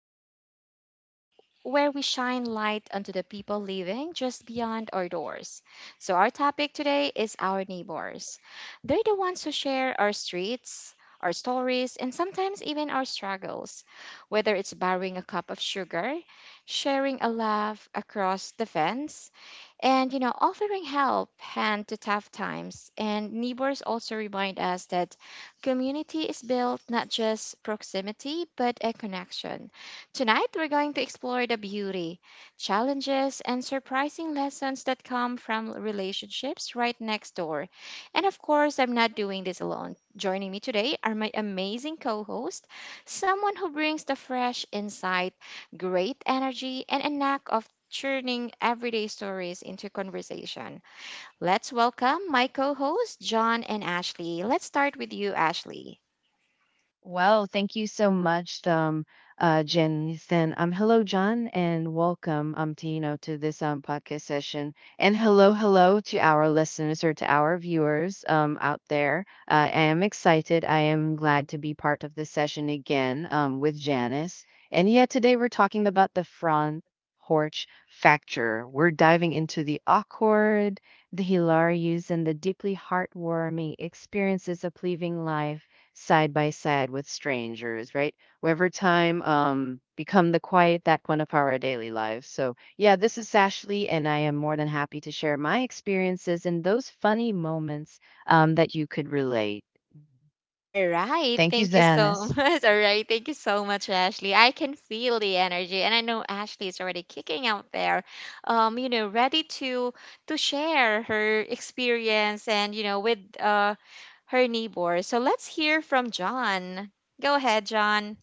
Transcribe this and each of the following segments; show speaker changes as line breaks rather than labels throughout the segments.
for today's episode, where we shine light onto the people living just beyond our doors. So, our topic today is our neighbors. They're the ones who share our streets, our stories, and sometimes even our struggles, whether it's borrowing a cup of sugar, sharing a laugh across the fence, and, you know, offering help hand to tough times. And neighbors also remind us that community is built not just proximity, but a connection. Tonight, we're going to explore the beauty, challenges, and surprising lessons that come from relationships right next door. And of course, I'm not doing this alone. Joining me today are my amazing co host, someone who brings the fresh insight, great energy, and a knack of turning everyday stories into conversation. Let's welcome my co hosts, John and Ashley. Let's start with you, Ashley.
Well, thank you so much, Jen. And hello, John, and welcome, to to this podcast session. And hello, hello to our listeners or to our viewers out there. I am excited. I am glad to be part of this session again with Janice. And yeah, today we're talking about the front porch factor. We're diving into the awkward, the hilarious, and the deeply heartwarming experiences of living life side by side with strangers, right? Wherever time become the quiet that one of our daily lives. So, yeah, this is Ashley, and I am more than happy to share my experiences and those funny moments that you could relate.
All right,
Thank you,
thank you
Zanis.
so much. All right, thank you so much, Ashley. I can feel the energy, and I know Ashley is already kicking out there, you know, ready to share her experience and you know with her neighbor. So let's hear from John. Go ahead, John.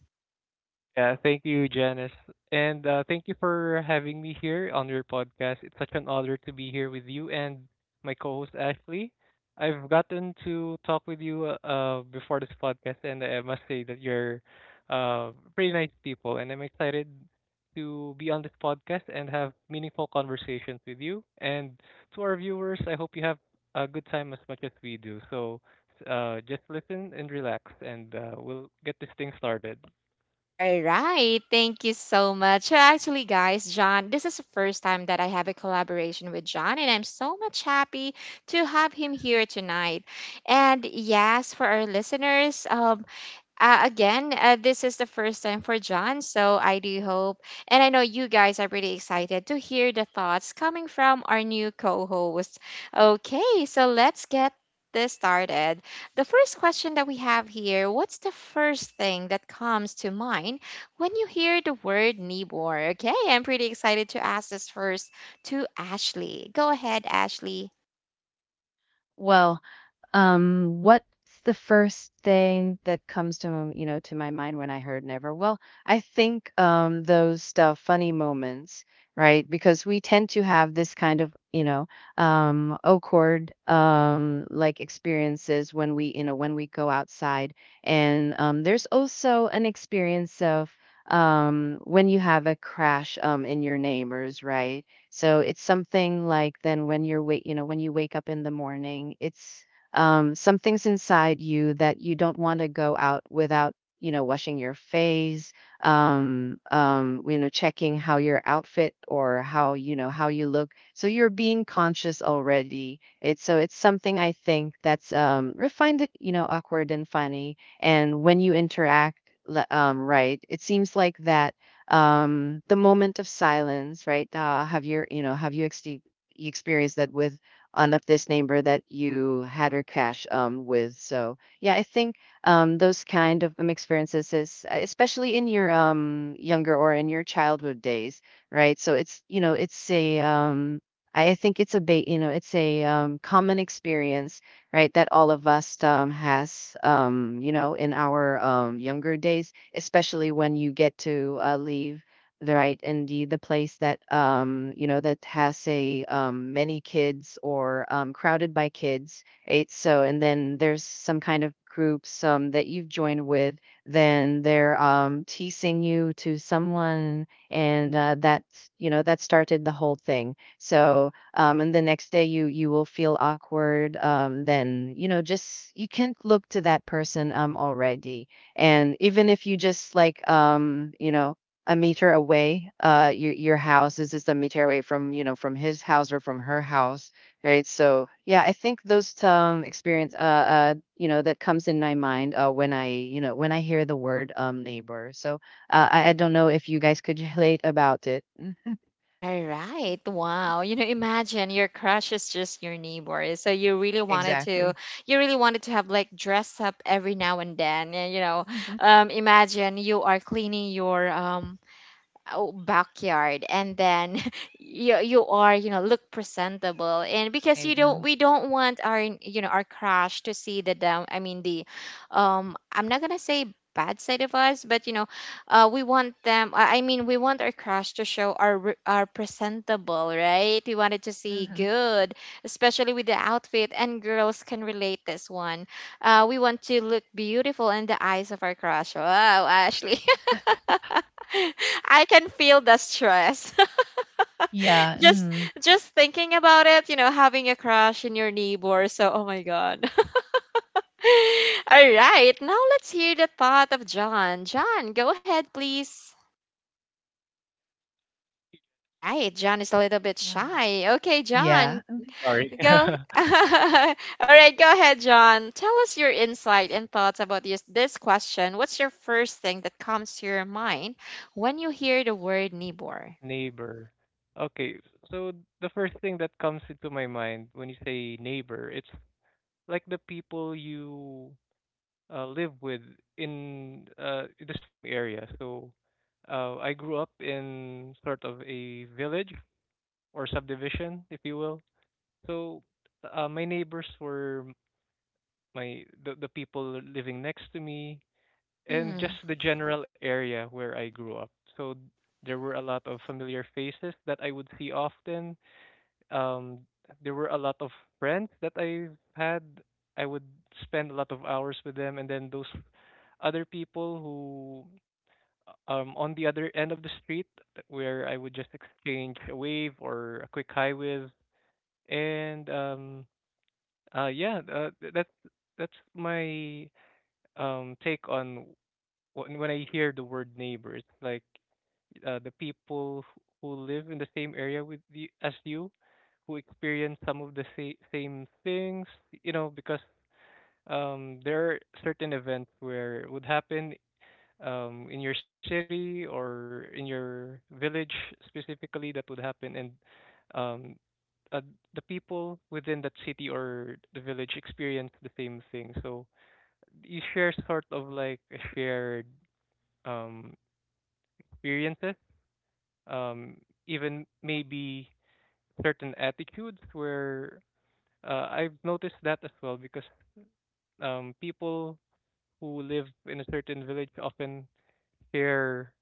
Yeah, thank you, Janice. And thank you for having me here on your podcast. It's such an honor to be here with you and my co host, Ashley. I've gotten to talk with you before this podcast, and I must say that you're pretty nice people. And I'm excited to be on this podcast and have meaningful conversations with you. And to our viewers, I hope you have a good time as much as we do. So just listen and relax, and we'll get this thing started.
All right. Thank you so much. So actually, guys, John, this is the first time that I have a collaboration with John, and I'm so much happy to have him here tonight. And yes, for our listeners, again, this is the first time for John, so I do hope, and I know you guys are pretty excited to hear the thoughts coming from our new co host. Okay, so let's get this started. The first question that we have here, what's the first thing that comes to mind when you hear the word neighbor? Okay, I'm pretty excited to ask this first to Ashley. Go ahead, Ashley.
Well, what's the first thing that comes to to my mind when I heard never? Well, I think those funny moments, right? Because we tend to have this kind of awkward like experiences when we you know when we go outside, and there's also an experience of when you have a crash in your neighbors, right? So it's something like then when you wake up in the morning, it's some things inside you that you don't want to go out without washing your face, checking how your outfit or how you look, so you're being conscious already. It's something I think that's refined, awkward and funny, and when you interact right, it seems like that the moment of silence, right? Have your you know have you ex- you experienced that with on of this neighbor that you had her crash with. So yeah, I think those kind of experiences is, especially in your younger or in your childhood days, right? So it's you know it's a I think it's a ba- you know it's a common experience, right? That all of us has, in our younger days, especially when you get to leave, right, and the place that that has a many kids or crowded by kids, right, so and then there's some kind of groups that you've joined with, then they're teasing you to someone and that, that started the whole thing, so and the next day you will feel awkward, then, just you can't look to that person already, and even if you just like a meter away. Your house is just a meter away from, from his house or from her house, right? So yeah, I think those experience that comes in my mind, when I you know when I hear the word neighbor. So I don't know if you guys could relate about it. Mm.
Alright, wow. You know, imagine your crush is just your neighbor. So you really wanted to
Exactly.
have like dress up every now and then. And you know,
Mm-hmm.
imagine you are cleaning your oh, backyard, and then you are you know look presentable, and because you
Mm-hmm.
don't, we don't want our, you know, our crush to see the down, I mean the I'm not gonna say bad side of us, but you know, we want them, I mean we want our crush to show our our presentable, right? We wanted to see good, especially with the outfit, and girls can relate this one, we want to look beautiful in the eyes of our crush. Wow. Ashley. I can feel the stress.
Yeah.
just
Mm.
just thinking about it, you know, having a crush in your neighbor. So, oh my god. All right. Now let's hear the thought of John. John, go ahead, please. All right. John is a little bit
Yeah.
shy. Okay,
Yeah.
John,
Sorry.
go. All right, go ahead, John. Tell us your insight and thoughts about this question. What's your first thing that comes to your mind when you hear the word neighbor?
Neighbor. Okay, so the first thing that comes into my mind when you say neighbor, it's like the people you live with in the same area. So I grew up in sort of a village or subdivision, if you will. So my neighbors were the people living next to me, and just the general area where I grew up. So there were a lot of familiar faces that I would see often. Um, there were a lot of friends that I had. I would spend a lot of hours with them, and then those other people who on the other end of the street where I would just exchange a wave or a quick hi with. And uh yeah uh, th- that's that's my take on when I hear the word neighbors, like the people who live in the same area with you as you, who experience some of the same things, you know, because there are certain events where it would happen in your city or in your village specifically that would happen, and um, uh, the people within that city or the village experience the same thing. So you share sort of like a shared um experiences, um, even maybe certain attitudes where I've noticed that as well because people who live in a certain village often share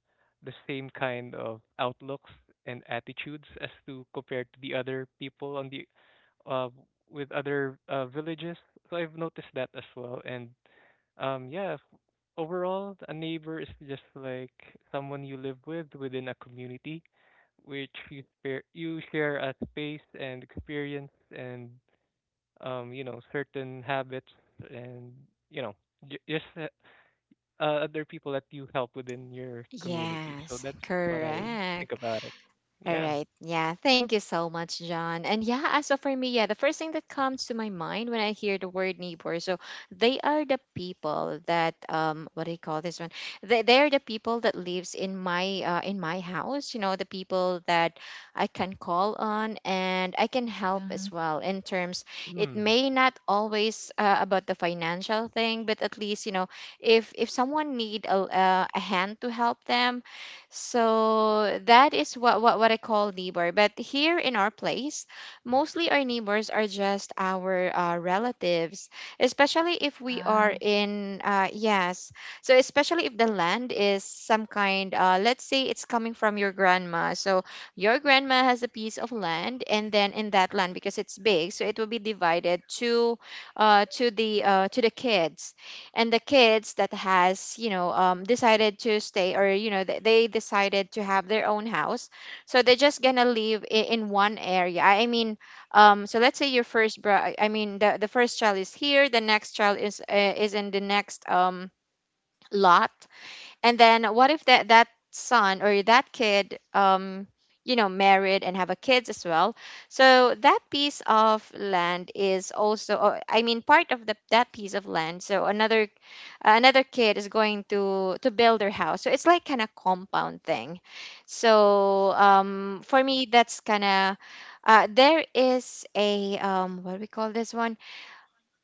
the same kind of outlooks and attitudes as to compared to the other people on the uh, with other villages. So I've noticed that as well, and um, yeah, f- overall, a neighbor is just like someone you live with within a community, which you share a space and experience and certain habits and you know, just other people that you help within your community. So
Yes,
that's what I
Mm-hmm.
think
correct.
about it.
All
Yeah.
right. Yeah, thank you so much, John. And yeah, as of for me, yeah, the first thing that comes to my mind when I hear the word neighbor, so they are the people that what do you call this one? They are the people that lives in my house, you know, the people that I can call on, and I can help
Mm-hmm.
as well in terms, it
Hmm.
may not always about the financial thing, but at least, you know, if someone need a hand to help them, so that is what I call neighbor. But here in our place, mostly our neighbors are just our relatives, especially if we are
Ah.
in yes. So especially if the land is some kind, let's say it's coming from your grandma. So your grandma has a piece of land, and then in that land, because it's big, so it will be divided to to the kids, and the kids that has you know decided to stay, or you know they decided to have their own house, so they're just gonna live in one area, I mean, so let's say your first bro- I mean the first child is here, the next child is in the next lot, and then what if that son or that kid, you know, married and have a kids as well, so that piece of land is also part of the, that piece of land, so another, another kid is going to build their house, so it's like kind of compound thing. So for me that's kind of, there is a what do we call this one,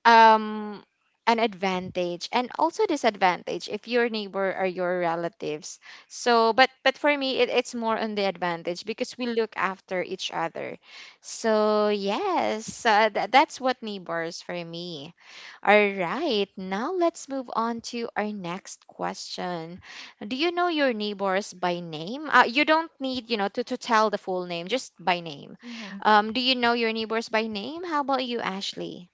um an advantage and also disadvantage if your neighbor are your relatives. So but for me it's more on the advantage because we look after each other. So yes, that's what neighbors for me. All right, now let's move on to our next question. Do you know your neighbors by name? You don't need, you know, to tell the full name, just by name.
Mhm.
Do you know your neighbors by name? How about you, Ashley?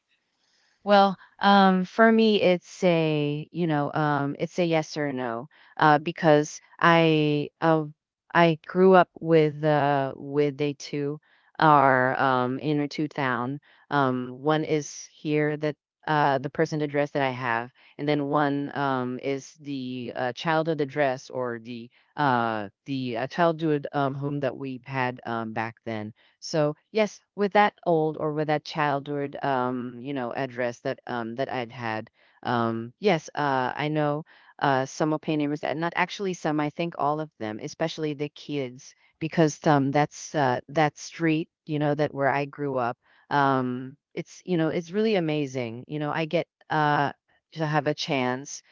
Well, for me, it's a, it's a yes or no, because I grew up with they two are in a two town. One is here that, the present address that I have, and then one is the childhood address or the childhood home that we had back then, so yes, with that old or with that childhood, address that I'd had, yes, I know, some of my neighbors, and not actually some. I think all of them, especially the kids, because that's, that street, you know, that where I grew up. It's really amazing. I get, to have a chance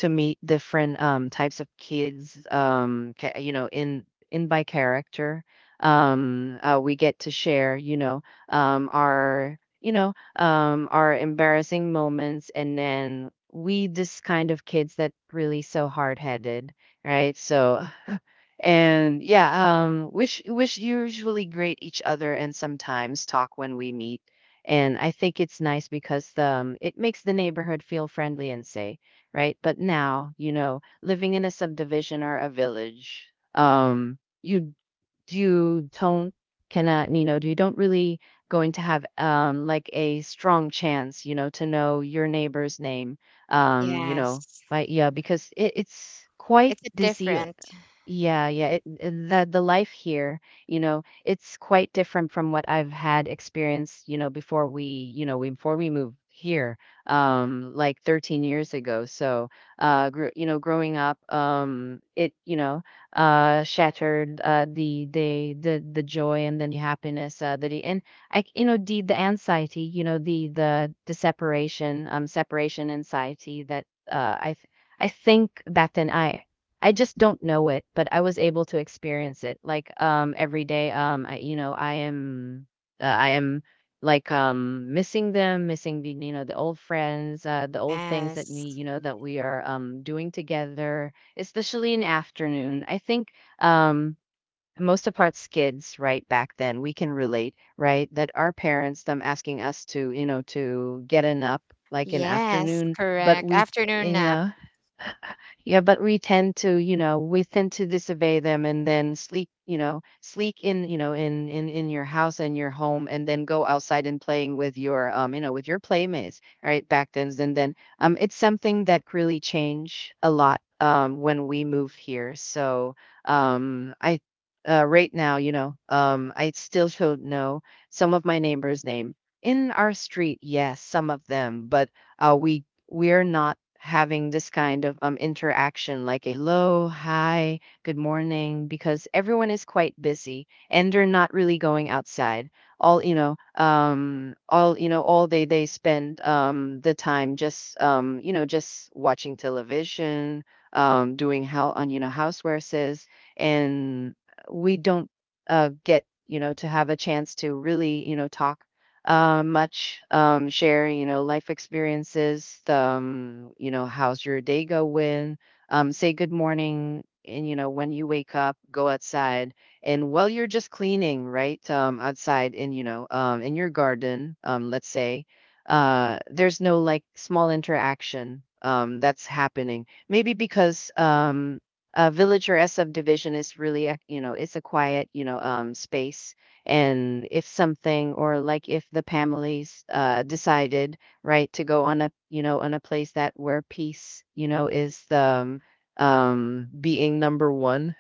to meet different types of kids, in by character, we get to share, our you know our embarrassing moments, and then we this kind of kids that really so hard-headed, right, so and yeah, wish usually greet each other and sometimes talk when we meet. And I think it's nice because it makes the neighborhood feel friendly and safe, right? But now, living in a subdivision or a village, um, you you don't cannot, you don't really going to have like a strong chance, to know your neighbor's name,
Yes,
by yeah, because it's quite
it's a
dizzy.
different.
Yeah, yeah. The life here, it's quite different from what I've had experienced, before we, you know, we, before we moved here, like 13 years ago. So, growing up, shattered, the joy and then the happiness, that he, and I, the anxiety, the separation, separation anxiety that, I. I think back then, I just don't know it, but I was able to experience it like every day. I, you know, I am like missing them, missing the you know the old friends, the old things that we
Yes,
you know that we are doing together, especially in afternoon. I think, um most of us kids, right, back then we can relate, right, that our parents them asking us to, to get an up like in
yes,
afternoon, but
correct.
we
Afternoon
in yeah, but we tend to, we tend to disobey them and then sleep, sleep in, in your house and your home, and then go outside and playing with your playmates, right? Back then, and then, it's something that really changed a lot, when we moved here. So, um, I, right now, I still don't know some of my neighbors' name in our street. Yes, some of them, but, we're not having this kind of interaction like a hello, hi, good morning, because everyone is quite busy and they're not really going outside. All they spend, the time, just, just watching television, doing how on, housewares, and we don't, get, to have a chance to really, talk, much. Share, life experiences. How's your day going? Say good morning. And, when you wake up, go outside. And while you're just cleaning, right, outside in, in your garden, let's say, there's no like small interaction that's happening. Maybe because, a village or a subdivision is really, a, it's a quiet, space, and if something, or like if the families, decided, right, to go on a, on a place that where peace, is the, being number one,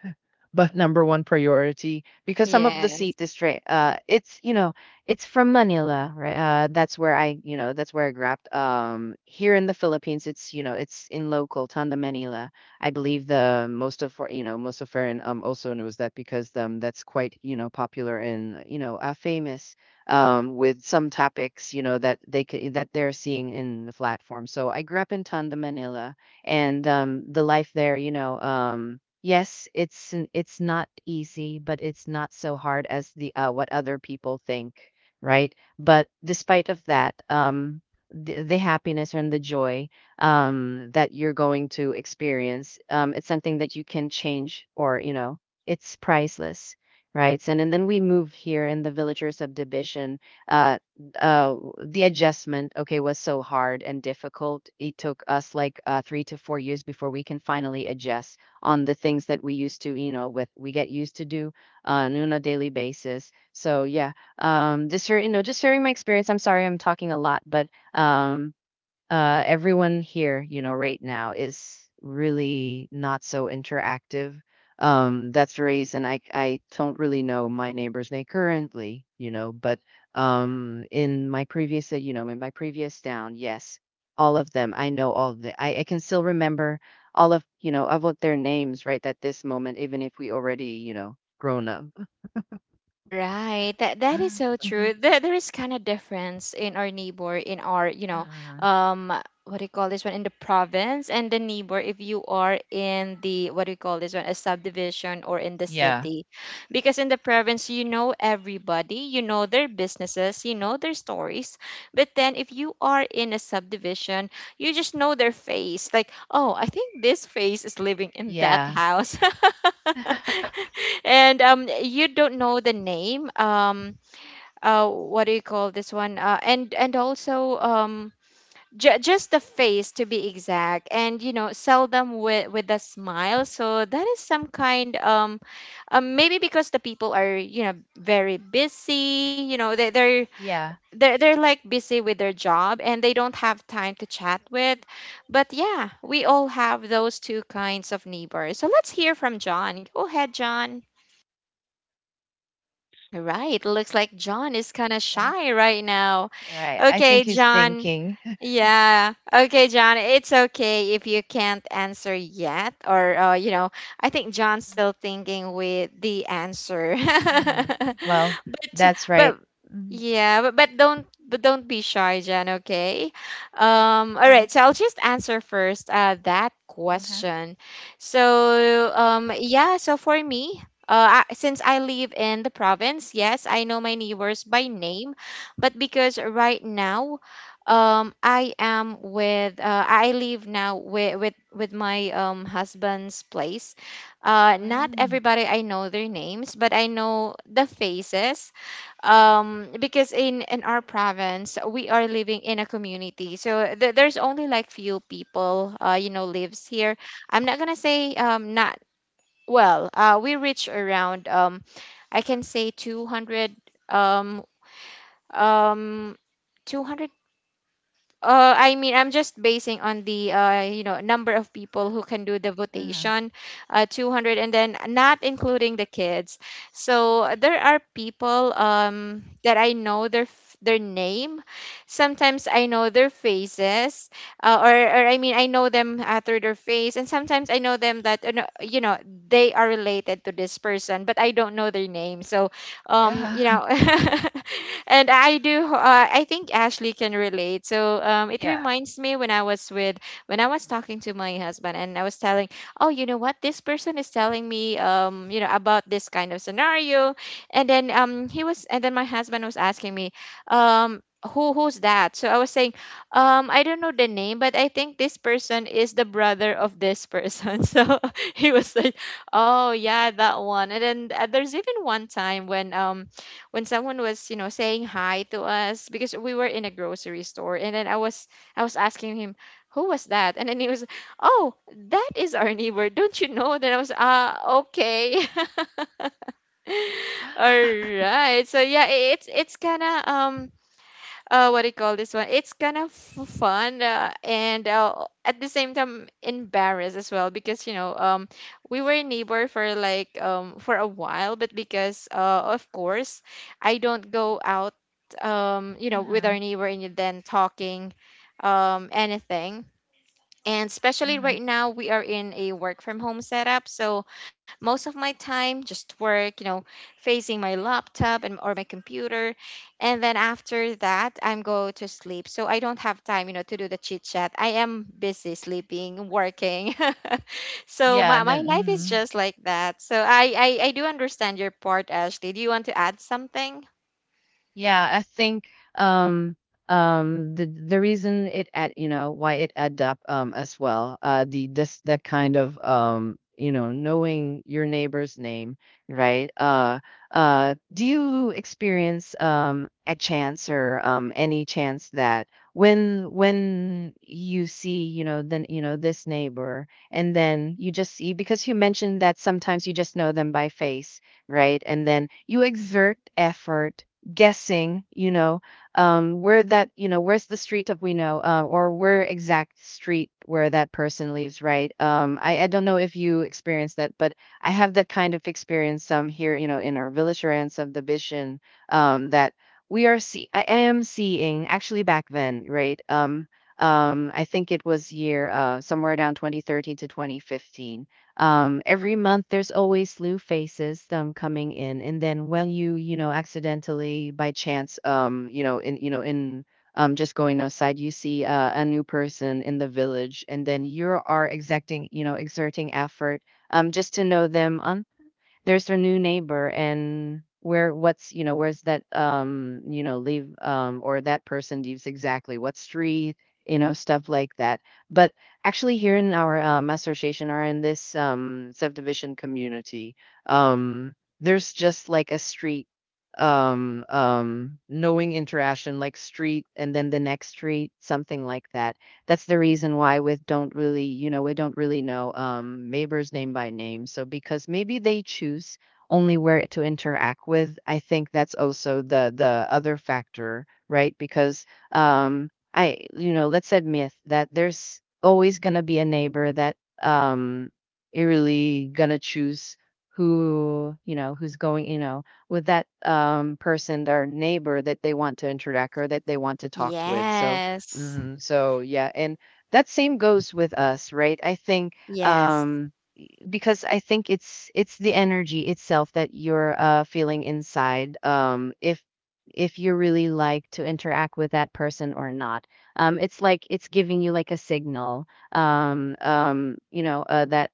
but number one priority, because some of the
nap.
seat is straight. It's from Manila, right? That's where that's where I grew up. Here in the Philippines, it's in local Tondo Manila. I believe the most of, most of Farron, also knows that because that's quite, popular, and, famous, with some topics, that they could, that they're seeing in the platform. So I grew up in Tondo Manila, and, the life there, yes, it's, it's not easy, but it's not so hard as the, what other people think, right? But despite of that, the happiness and the joy, that you're going to experience, it's something that you can change, or, it's priceless, right? And then we move here in the villagers subdivision. Uh, uh, the adjustment, okay, was so hard and difficult. It took us like, 3 to 4 years before we can finally adjust on the things that we used to, with we get used to do on a daily basis. So yeah, this year, just sharing my experience. I'm sorry I'm talking a lot, but, um, everyone here, right now is really not so interactive. That's the reason I don't really know my neighbor's name currently, you know, but in my previous, in my previous town, yes, all of them, I know all of the, I can still remember all of, you know, of what their names right at this moment, even if we already, you know, grown up.
Right. That that is so true.
Mhm.
There is kind of difference in our neighbor in our, you know,
Uh,
um what do you call this one, in the province, and the neighbor if you are in the, what do you call this one, a subdivision or in the
yeah.
city. Because in the province you know everybody, you know their businesses, you know their stories. But then if you are in a subdivision, you just know their face, like, oh, I think this face is living in that
Yeah.
house. And you don't know the name, what do you call this one, and also, just the face to be exact, and you know, seldom with a smile. So that is some kind, maybe because the people are, you know, very busy, you know,
Yeah.
they're like busy with their job, and they don't have time to chat with. But yeah, we all have those two kinds of neighbors. So let's hear from John. Go ahead, John. All right, looks like John is kind of
And,
shy right now.
right. I think
Okay,
he's
John,
thinking.
yeah. Okay, John. It's okay if you can't answer yet, or you know, I think John's still thinking with the answer.
Mhm. Well,
but
that's right.
but
Mhm.
but don't but don't be shy, John. Okay. All
And
right. So I'll just answer first. That
uh-huh.
question. So. Yeah. So for me. I, since I live in the province, yes, I know my neighbors by name, but because right now, I am with I live now with my husband's place. Not
Mm,
everybody I know their names, but I know the faces. Because in our province we are living in a community, so there's only like few people you know lives here. I'm not gonna say not well. We reach around I can say 200 um um. 200 I mean, I'm just basing on the you know, number of people who can do the
uh-huh.
votation, 200, and then not including the kids. So there are people, that I know their their name. Sometimes I know their faces, or I mean, I know them through their face, and sometimes I know them that you know they are related to this person, but I don't know their name. So um, you
Yeah.
know and I think Ashley can relate. So um, it
Yeah.
reminds me when I was with when I was talking to my husband and I was telling, oh, you know what, this person is telling me, um, you know, about this kind of scenario. And then my husband was asking me, um, who's that? So I was saying, um, I don't know the name, but I think this person is the brother of this person. So he was like, oh yeah, that one. And then there's even one time when um, when someone was, you know, saying hi to us because we were in a grocery store, and then I was asking him, "Who was that?" And then he was, "Oh, that is our neighbor. Don't you know?" Then I was, "Ah, okay." All right. So yeah, it's kind of um, what do you call this one? It's kind of fun and at the same time embarrassed as well because we were neighbor for like for a while, but because of course I don't go out with
Uh-huh.
our neighbor and then talking anything. And especially
Uh-huh.
right now, we are in a work from home setup. So most of my time just work, you know, facing my laptop and or my computer. And then after that, I'm go to sleep. So I don't have time, you know, to do the chit chat. I am busy sleeping, working. So
Yeah,
my,
and
my
then
life is
mhm.
just like that. So I do understand your part, Ashley. Do you want to add something?
Yeah, I think um the reason it add you know why it add up as well the this that kind of you know knowing your neighbor's name right do you experience a chance or any chance that when you see you know then you know this neighbor and then you just see because you mentioned that sometimes you just know them by face right and then you exert effort guessing, you know, where that, you know, where's the street of we know, or where exact street where that person lives, right? Um, I don't know if you experience that, but I have that kind of experience here, you know, in our village and some division that we are see, I am seeing actually back then, right? I think it was year somewhere down 2013 to 2015 every month there's always new faces coming in, and then when you know accidentally by chance you know in just going outside you see a new person in the village, and then you are exacting you know exerting effort just to know them there's a new neighbor and where what's you know where's that you know leave or that person leaves exactly what street you know stuff like that but actually here in our association or in this subdivision community um there's just like a street um knowing interaction like street and then the next street something like that that's the reason why we don't really know neighbors name by name. So because maybe they choose only where to interact with, I think that's also the other factor, right? Because I, you know, let's admit that there's always gonna be a neighbor that you're really gonna choose who you know who's going you know with that person their neighbor that they want to interact or that they want to talk with so
Yes.
hmm. So yeah, and that same goes with us, right? I think
Yes.
um, because I think it's the energy itself that you're feeling inside. If you really like to interact with that person or not, it's like it's giving you like a signal. Um, you know that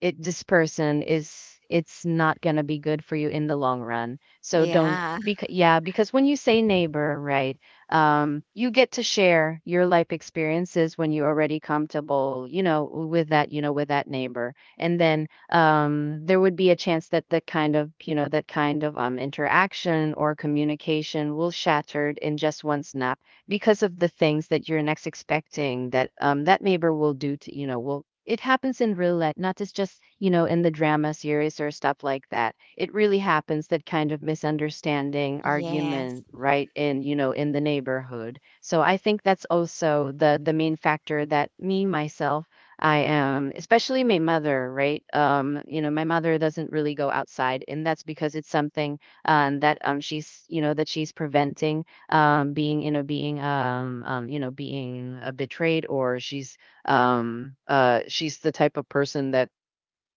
it this person is it's not going to be good for you in the long run so don't
Yeah.
because yeah because when you say neighbor right you get to share your life experiences when you're already comfortable you know with that neighbor and then there would be a chance that the kind of you know that kind of interaction or communication will shattered in just one snap because of the things that you're next expecting that that neighbor will do to you know will it happens in roulette not just you know in the drama series or stuff like that it really happens that kind of misunderstanding
Yes.
argument right in you know in the neighborhood so I think that's also the main factor that me myself I am especially my mother right you know my mother doesn't really go outside and that's because it's something that she's you know that she's preventing being you know being you know being betrayed or she's the type of person that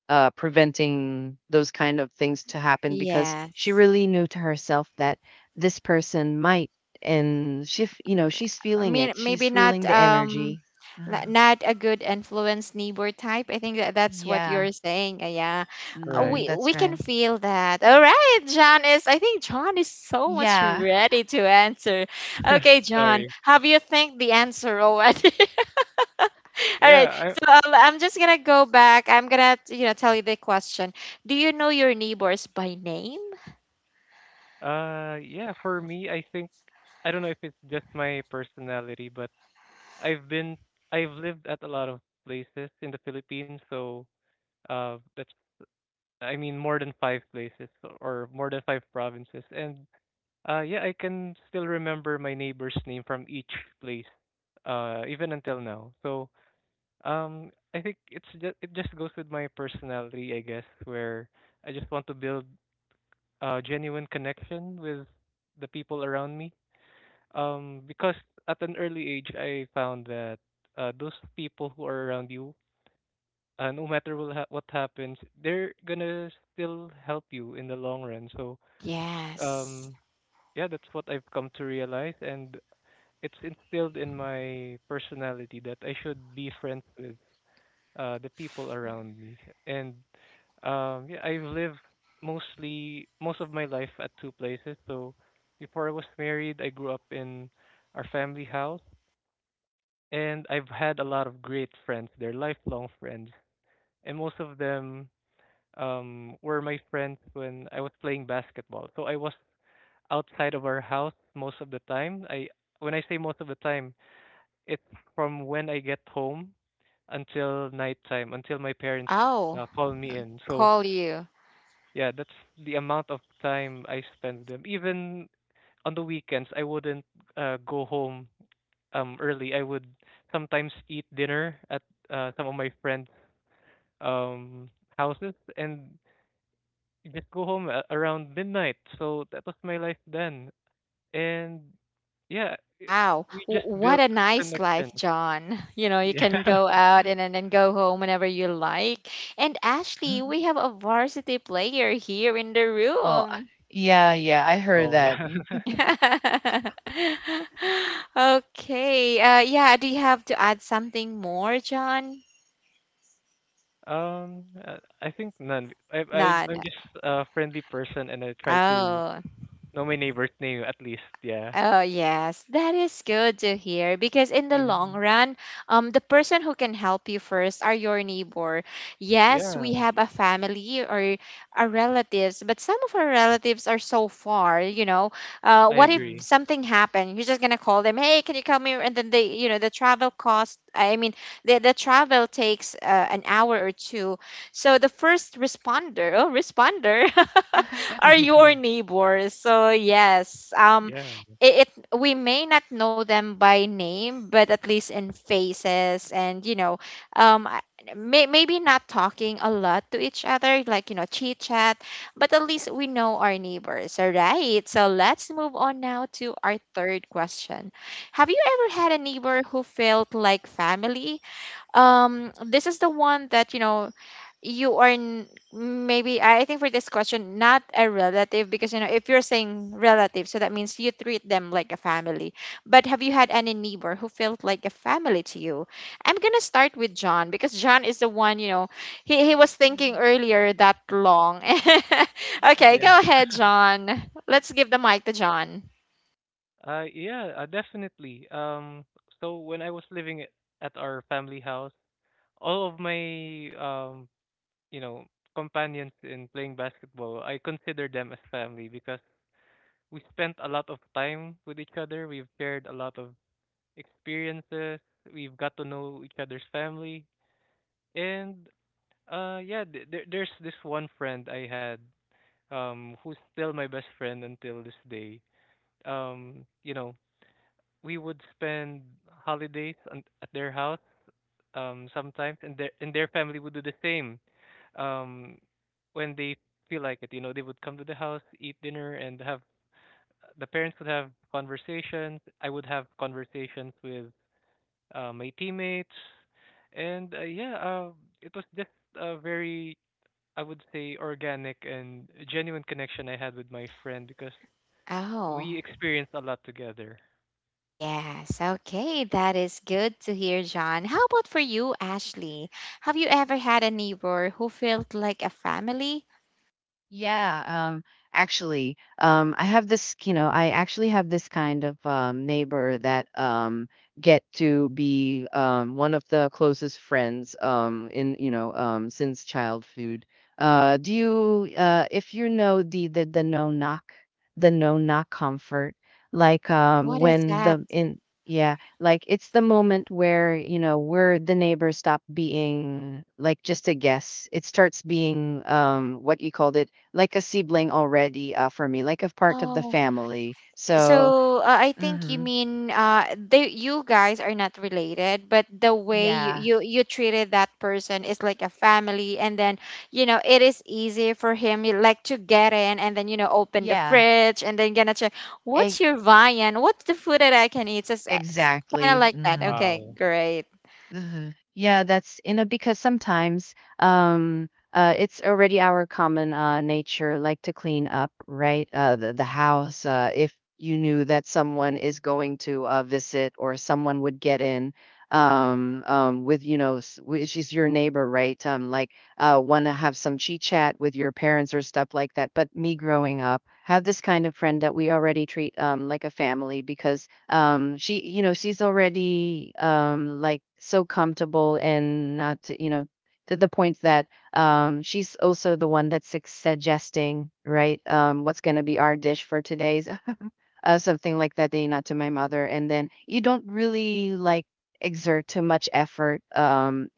preventing those kind of things to happen because she
Yes.
really knew to herself that this person might and you know
I mean, maybe
she's
not
feeling the energy. Mhm.
not a good influence neighbor type. I think that's what
Yeah,
you're saying. Yeah.
Right.
mm,
We
that's
can
great.
feel that. All right, John is, I think John is so much
Yeah.
ready to answer. Okay, John,
Sorry.
have you think the answer already? All right.
Yeah,
So I'm just going to go back. I'm going to, you know, tell you the question. Do you know your neighbors by name?
for me I think I don't know if it's just my personality, but I've been I've lived at a lot of places in the Philippines, so that's I mean more than five places or more than five provinces. And yeah, I can still remember my neighbor's name from each place even until now. So I think it just goes with my personality, I guess, where I just want to build a genuine connection with the people around me, because at an early age, I found that those people who are around you, no matter what happens, they're gonna still help you in the long run. So,
Yes.
um, yeah, that's what I've come to realize, and it's instilled in my personality that I should be friends with the people around me. And yeah, I've lived most of my life at two places. So, before I was married, I grew up in our family house and I've had a lot of great friends. They're lifelong friends, and most of them were my friends when I was playing basketball. So I was outside of our house most of the time. I when I say most of the time, it's from when I get home until nighttime, until my parents
Oh,
call me in. So
call you.
yeah, that's the amount of time I spend with them. Even on the weekends, I wouldn't go home early. I would sometimes eat dinner at some of my friends' um houses and just go home around midnight. So that was my life then, and yeah, i-
Wow,
we just
what
built
a nice life,
connections.
John. You know, you
Yeah.
can go out and then go home whenever you like. And Ashley,
Mhm.
we have a varsity player here in the
Oh,
room.
yeah, yeah. I heard
Oh no.
that. Mhm.
Okay. Yeah, do you have to add something more, John?
I think none. I I
None.
I'm just a friendly person, and I try to
Oh.
know my neighbor's name at least. Yeah.
Oh yes, that is good to hear because in the long run, the person who can help you first are your neighbor. Yes, we
Yeah.
have a family or our relatives, but some of our relatives are so far, you know. Uh,
I
what if
Mhm.
agree.
something happened? You're just going to call them, "Hey, can you come here?" And then they, you know, the travel cost, I mean, the travel takes an hour or two. So the first responder, oh, responder are
Mhm.
your neighbors. So yes,
Yeah.
it, we may not know them by name, but at least in faces. And you know, um I- may, maybe not talking a lot to each other like, you know, chit chat, but at least we know our neighbors. All right, so let's move on now to our third question. Have you ever had a neighbor who felt like family? This is the one that, you know, you are maybe I think for this question not a relative, because you know if you're saying relative, so that means you treat them like a family. But have you had any neighbor who felt like a family to you? I'm gonna start with John because John is the one, you know, he was thinking earlier that long. Okay, go
Yeah.
ahead, John. Let's give the mic to John.
Yeah, definitely. So when I was living at our family house, all of my you know, companions in playing basketball, I consider them as family because we spent a lot of time with each other. We've shared a lot of experiences. We've got to know each other's family, and there's this one friend I had, who's still my best friend until this day. Um, you know, we would spend holidays at their house sometimes, and their family would do the same um when they feel like it. You know they would come to the house, eat dinner, and have the parents would have conversations. I would have conversations with my teammates, and it was just a very, I would say, organic and genuine connection I had with my friend because
Oh.
we experienced a lot together.
Yes, okay, that is good to hear, John. How about for you, Ashley? Have you ever had a neighbor who felt like a family?
Yeah, actually, I have this, you know, I actually have this kind of neighbor that get to be one of the closest friends in, you know, since childhood. Do you, if you know the no knock, the no knock comfort, like
What is
when
that?
the in, yeah, like it's the moment where you know where the neighbors stop being like just a guess. It starts being what you called it like a sibling already for me, like a part of the family. So,
So I think you
hmm,
mean they, you guys are not related, but the way you,
yeah,
you treated that person is like a family, and then you know it is easy for him, you like to get in and then you know open the fridge and then gonna check
e-
what's your viand, what's the food that I can eat. Just kind of
exactly.
like that.
Mm-hmm.
Okay,
Wow,
great.
Mhm. Yeah, that's you know because sometimes it's already our common nature like to clean up, right? The house if you knew that someone is going to visit or someone would get in with you know which is your neighbor, right? Like want to have some chit chat with your parents or stuff like that. But me growing up, have this kind of friend that we already treat like a family because she you know she's already like so comfortable and not to- you know to the point that she's also the one that's suggesting right what's going to be our dish for today's something like that day not to my mother and then you don't really like exert too much effort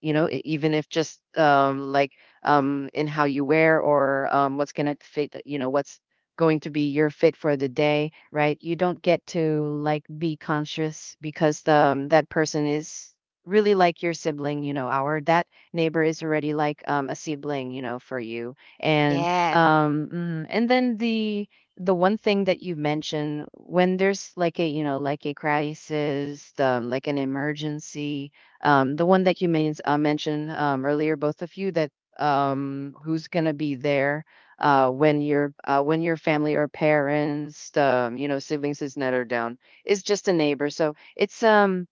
you know even if just like in how you wear or what's gonna fit you know what's going to be your fit for the day right you don't get to like be conscious because the, that person is really like your sibling you know our that neighbor is already like a sibling you know for you and
Yes,
um mm, and then the one thing that you mentioned when there's like a you know like a crisis like an emergency the one that you mentioned earlier, both of you, that who's going to be there uh, when your when your family or parents, you know, siblings is netted down, is just a neighbor. So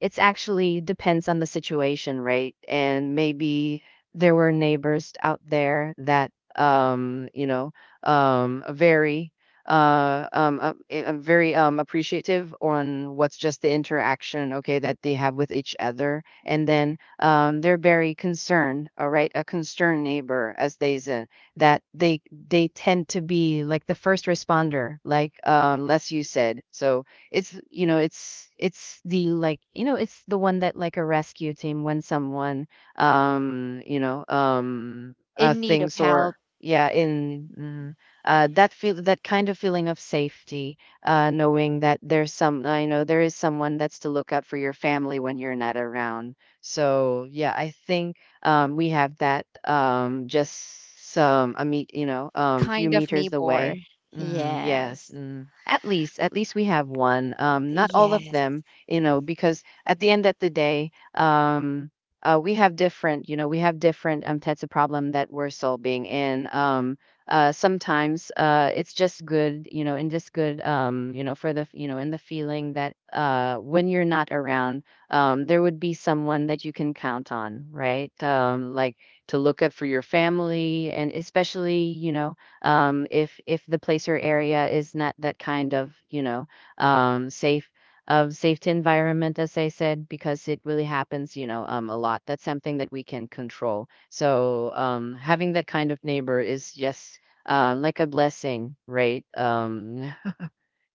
it's actually depends on the situation, right? And maybe there were neighbors out there that you know, are very very appreciative on what's just the interaction okay that they have with each other and then they're very concerned all right a concerned neighbor as they say that they tend to be like the first responder like as you said so it's you know it's the like you know it's the one that like a rescue team when someone you know
in need of
things
help,
or yeah in mm, that feel that kind of feeling of safety knowing that there's some I know there is someone that's to look out for your family when you're not around so yeah I think we have that just some a meet you know few
kind of
meters
neighbor.
away. Mm, yes,
Yes,
mm. At least we have one. Not all of
yes.
them, you know, because at the end of the day, we have different, you know, we have different types of problem that we're solving, and sometimes it's just good, you know, and just good, you know, for the, you know, in the feeling that when you're not around, there would be someone that you can count on, right? Like to look up for your family, and especially, you know, if the place or area is not that kind of you know safe of safety environment as I said because it really happens you know a lot that's something that we can control so having that kind of neighbor is just like a blessing right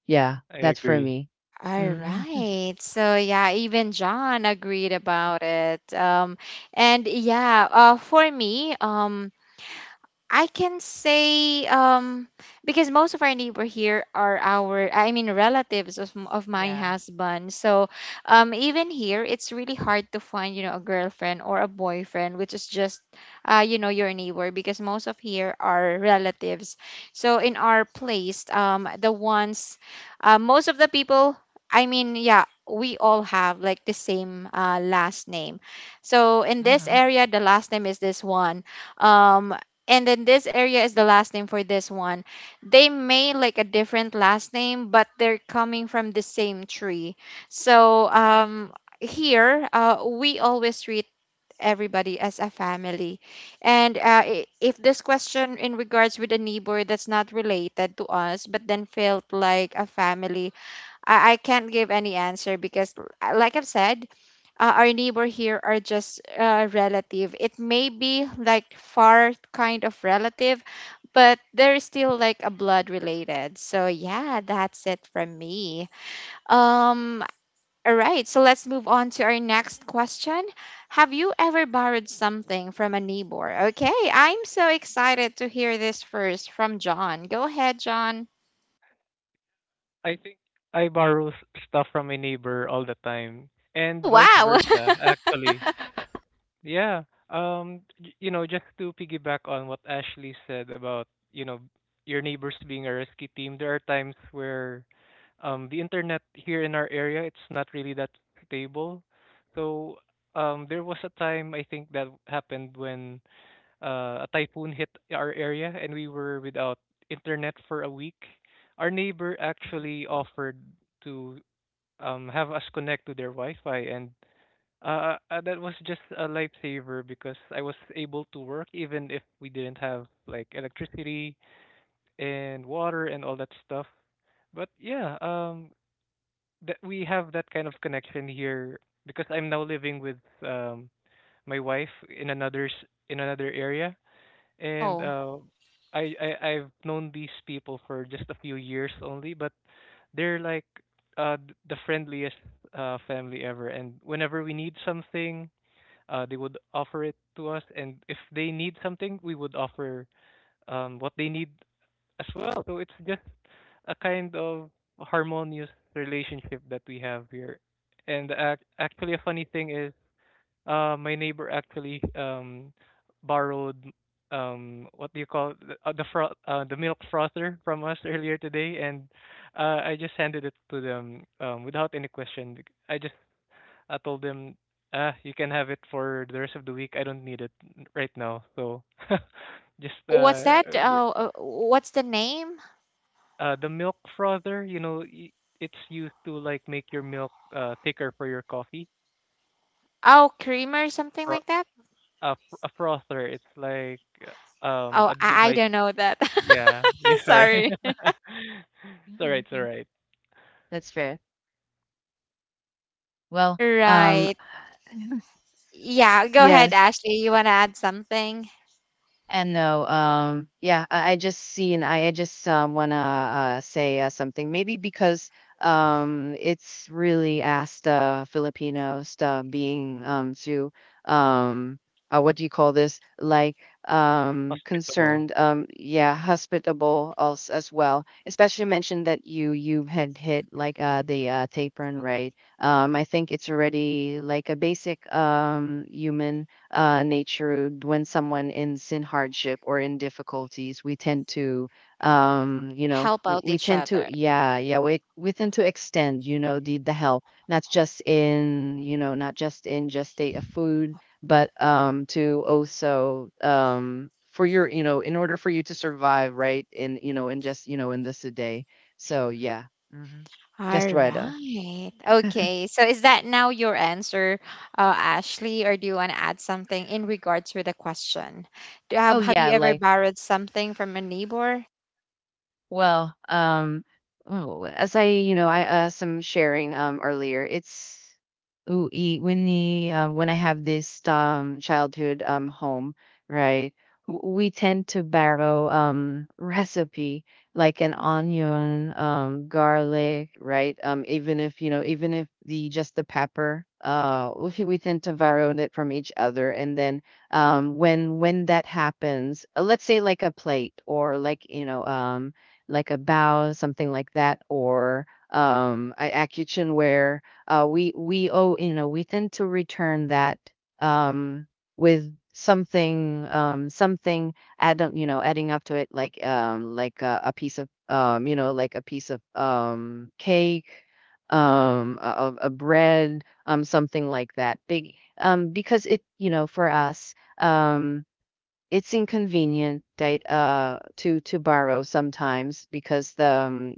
yeah
I
that's for
agree.
me.
All
Hmm.
right. So yeah, even John agreed about it. And yeah, for me, I can say because most of our neighbor here are our, I mean, relatives of of my
Yeah.
husband. So even here it's really hard to find, you know, a girlfriend or a boyfriend which is just you know your neighbor, because most of here are relatives. So in our place the ones most of the people, I mean, yeah, we all have like the same last name. So in this
Hmm.
area the last name is this one, um and then this area is the last name for this one. They may like a different last name, but they're coming from the same tree. So um, here we always treat everybody as a family. And if this question in regards with a neighbor that's not related to us but then felt like a family, I can't give any answer because like I've said, our neighbor here are just relative. It may be like far kind of relative, but they're still like a blood related. So yeah, that's it from me. Um, all right, so let's move on to our next question. Have you ever borrowed something from a neighbor? Okay, I'm so excited to hear this first from John. Go ahead, John.
I think I borrow stuff from my neighbor all the time,
Oh
and vice
wow.
versa, actually. Yeah. Just to piggyback on what Ashley said about, you know, your neighbors being a rescue team, there are times where the internet here in our area, it's not really that stable. So, there was a time I think that happened when a typhoon hit our area and we were without internet for a week. Our neighbor actually offered to have us connect to their Wi-Fi, and that was just a lifesaver because I was able to work even if we didn't have like electricity and water and all that stuff. But that we have that kind of connection here because I'm now living with um, my wife in in another area, and
Oh,
I've known these people for just a few years only, but they're like the friendliest family ever. And whenever we need something, they would offer it to us, and if they need something, we would offer what they need as well. So it's just a kind of harmonious relationship that we have here. And ac actually, a funny thing is my neighbor actually borrowed, what do you call it? The the milk frother from us earlier today, and I just handed it to them without any question. I told them, ah, you can have it for the rest of the week. I don't need it right now. So just
what's that?
gr-
Oh, what's the name?
the milk frother, it's used to like make your milk thicker for your coffee.
Oh, creamer, something
Fro-
like that?
a frother, it's like
Oh,
a
I
device.
don't know that.
Yeah. Yeah, sorry.
Sorry.
It's alright, it's
Hmm,
alright.
that's fair. Well,
Right. Yeah, go ahead,
yes.
Ashley. You want to add something?
And no, yeah, I just seen, I just want to say something. Maybe because it's really asked Filipinos being to, um, what do you call this? Like
Hospitable.
concerned, yeah, hospitable als as well. Especially mentioned that you had hit like the tapeworm, right? I think it's already like a basic human nature when someone is in hardship or in difficulties, we tend to
Help out
we
each
tend to,
other.
yeah, yeah, we tend to extend, the help, not just in, just state of food, but to also, for your, in order for you to survive, right, in, you know in just you know in this a day, so yeah. Hmm. Just
All
right.
right. Okay. So is that now your answer, Ashley, or do you want to add something in regards with the question? Do,
Oh
have
yeah,
you ever
like,
borrowed something from a neighbor?
well, oh, as I, I some sharing earlier. It's, ooh, when I have this childhood home, right? We tend to borrow recipe, like an onion, garlic, right? Even if the just the pepper, we tend to borrow it from each other, and then when that happens, let's say like a plate, or like a bow, something like that, or a kitchenware. We owe you know We tend to return that, um, with something, something, adding up to it, like a piece of cake, of a bread, something like that big, because it, for us, it's inconvenient that to borrow sometimes, because the,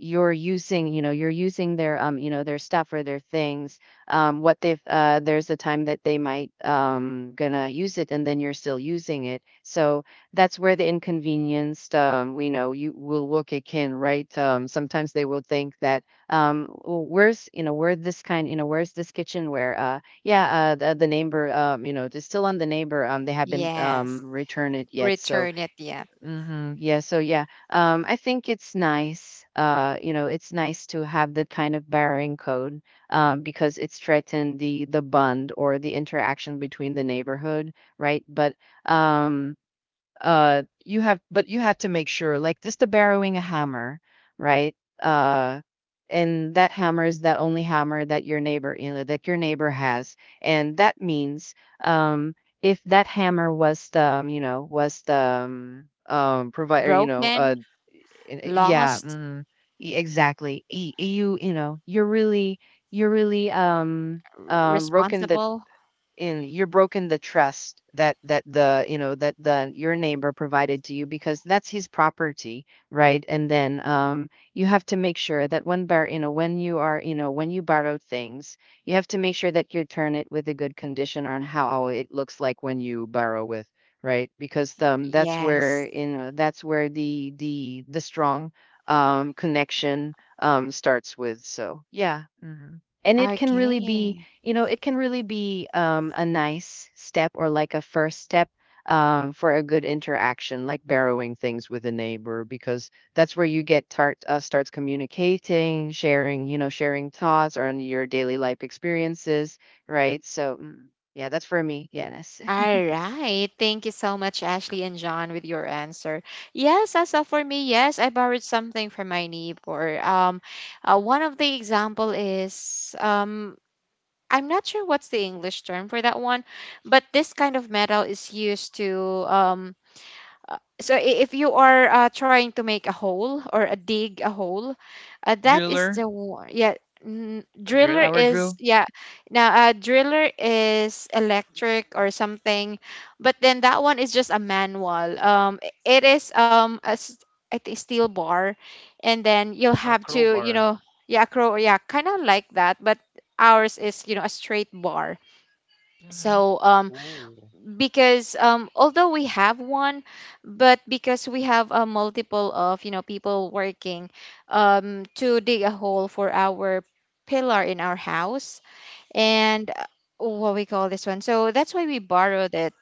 you're using their, their stuff or their things, what they there's a time that they might gonna use it, and then you're still using it, so that's where the inconvenience, we know you will kick in, right. Sometimes they will think that, "Oh, where's, where this kind, where's this kitchenware, yeah, the neighbor, it's still on the neighbor. They haven't
Yes.
returned it yet. So,"
Return it yet.
hmm, yeah, so yeah, I think it's nice. It's nice to have that kind of barring code, because it strengthened the bond or the interaction between the neighborhood, right? But, um, you have to make sure, like, just the borrowing a hammer, right. uh and that hammer is that only hammer that your neighbor, that your neighbor has. And that means, um if that hammer was the, was the, provider,
Broken,
yeah,
lost,
mm, exactly. You're really broken the,
responsible?
and you're broken the trust that that the you know that the your neighbor provided to you, because that's his property, right? And then you have to make sure that when bar you know when you are you know when you borrow things, you have to make sure that you return it with a good condition on how it looks like when you borrow with, right. Because,
Yes.
that's where the strong, connection, starts with. So yeah. Mhm. And
Okay.
it can really be, a nice step, or like a first step, for a good interaction, like borrowing things with a neighbor, because that's where you get start starts communicating, sharing thoughts on your daily life experiences, right, so, mm, yeah, that's for me. Yes.
All right. Thank you so much, Ashley and John, with your answer. Yes, as of for me, yes, I borrowed something from my neighbor. One of the example is I'm not sure what's the English term for that one, but this kind of metal is used to um, so if you are trying to make a hole or a dig a hole, that is the one, yeah.
A
Driller
drill?
is, yeah, now driller is electric or something, but then that one is just a manual it is a, I think steel bar, and then you'll
A
have to you
crowbar.
know, yeah, crow, yeah, kind of like that, but ours is, you know, a straight bar. So um,
Ooh.
because although we have one, but because we have a multiple of, you know, people working to dig a hole for our pillar in our house. And what we call this one, so that's why we borrowed it.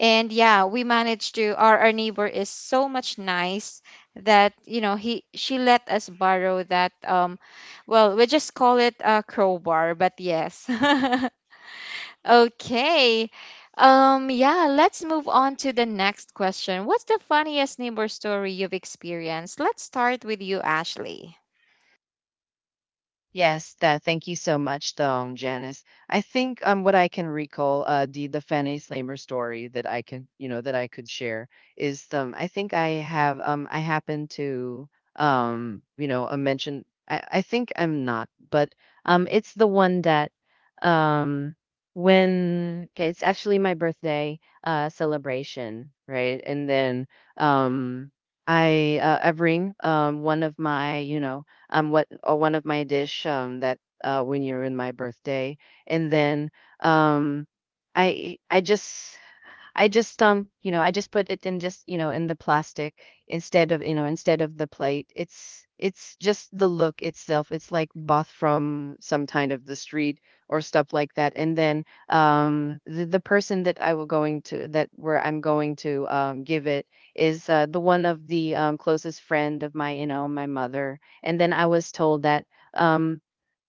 And yeah, we managed to, our neighbor is so much nice that you know he, she let us borrow that um, well, we just call it a crowbar but yes. Okay. Yeah, let's move on to the next question. What's the funniest neighbor story you've experienced? Let's start with you, Ashley.
Yes, that. Thank you so much, Janice. I think, what I can recall, the Fanny Slamer story that I can, you know, that I could share is, I think I have I happen to, mention. I think I'm not, but, it's the one that, um, when okay, it's actually my birthday celebration, right? And then, um, I bring one of my dish, that, when you're in my birthday. And then, um, I I just I just put it in, just, in the plastic, instead of the plate. It's just the look itself. It's like bought from some kind of the street or stuff like that. And then the person that I will going to, that where I'm going to give it is, the one of the, closest friend of my, my mother. And then, um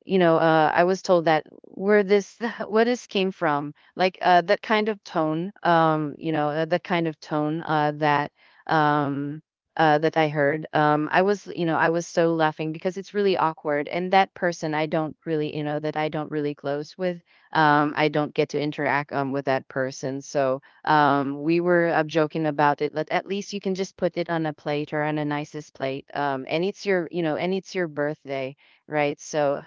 I was told that where this, where this came from, like, that kind of tone, um, that I heard. I was so laughing because it's really awkward, and that person, I don't really, you know, that I don't really close with. I don't get to interact with that person, so we were, joking about it. Let at least you can just put it on a plate, or on a nicest plate, and it's your birthday, right. So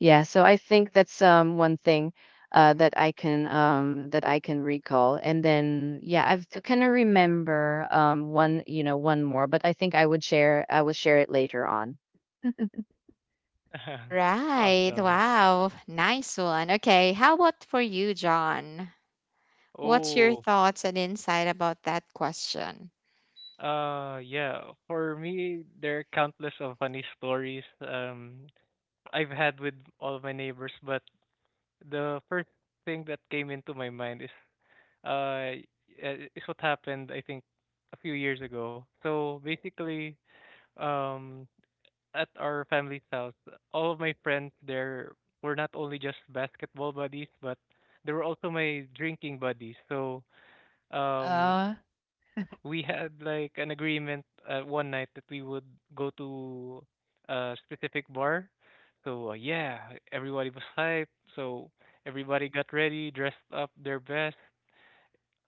yeah, so I think that's, one thing that I can recall. And then yeah, I've kind of remember, one more, but I think, I will share it later on.
All right.
Awesome.
Wow. Nice one. Okay. How about for you, John? What's your
Oh,
thoughts and insight about that question?
yeah. For me, there are countless of funny stories I've had with all my neighbors, but the first thing that came into my mind is uh is what happened I think a few years ago. So basically, um at our family's house, all of my friends there were not only just basketball buddies, but they were also my drinking buddies. So um,
Uh
we had like an agreement one night that we would go to a specific bar. So everybody was hyped. So everybody got ready, dressed up their best,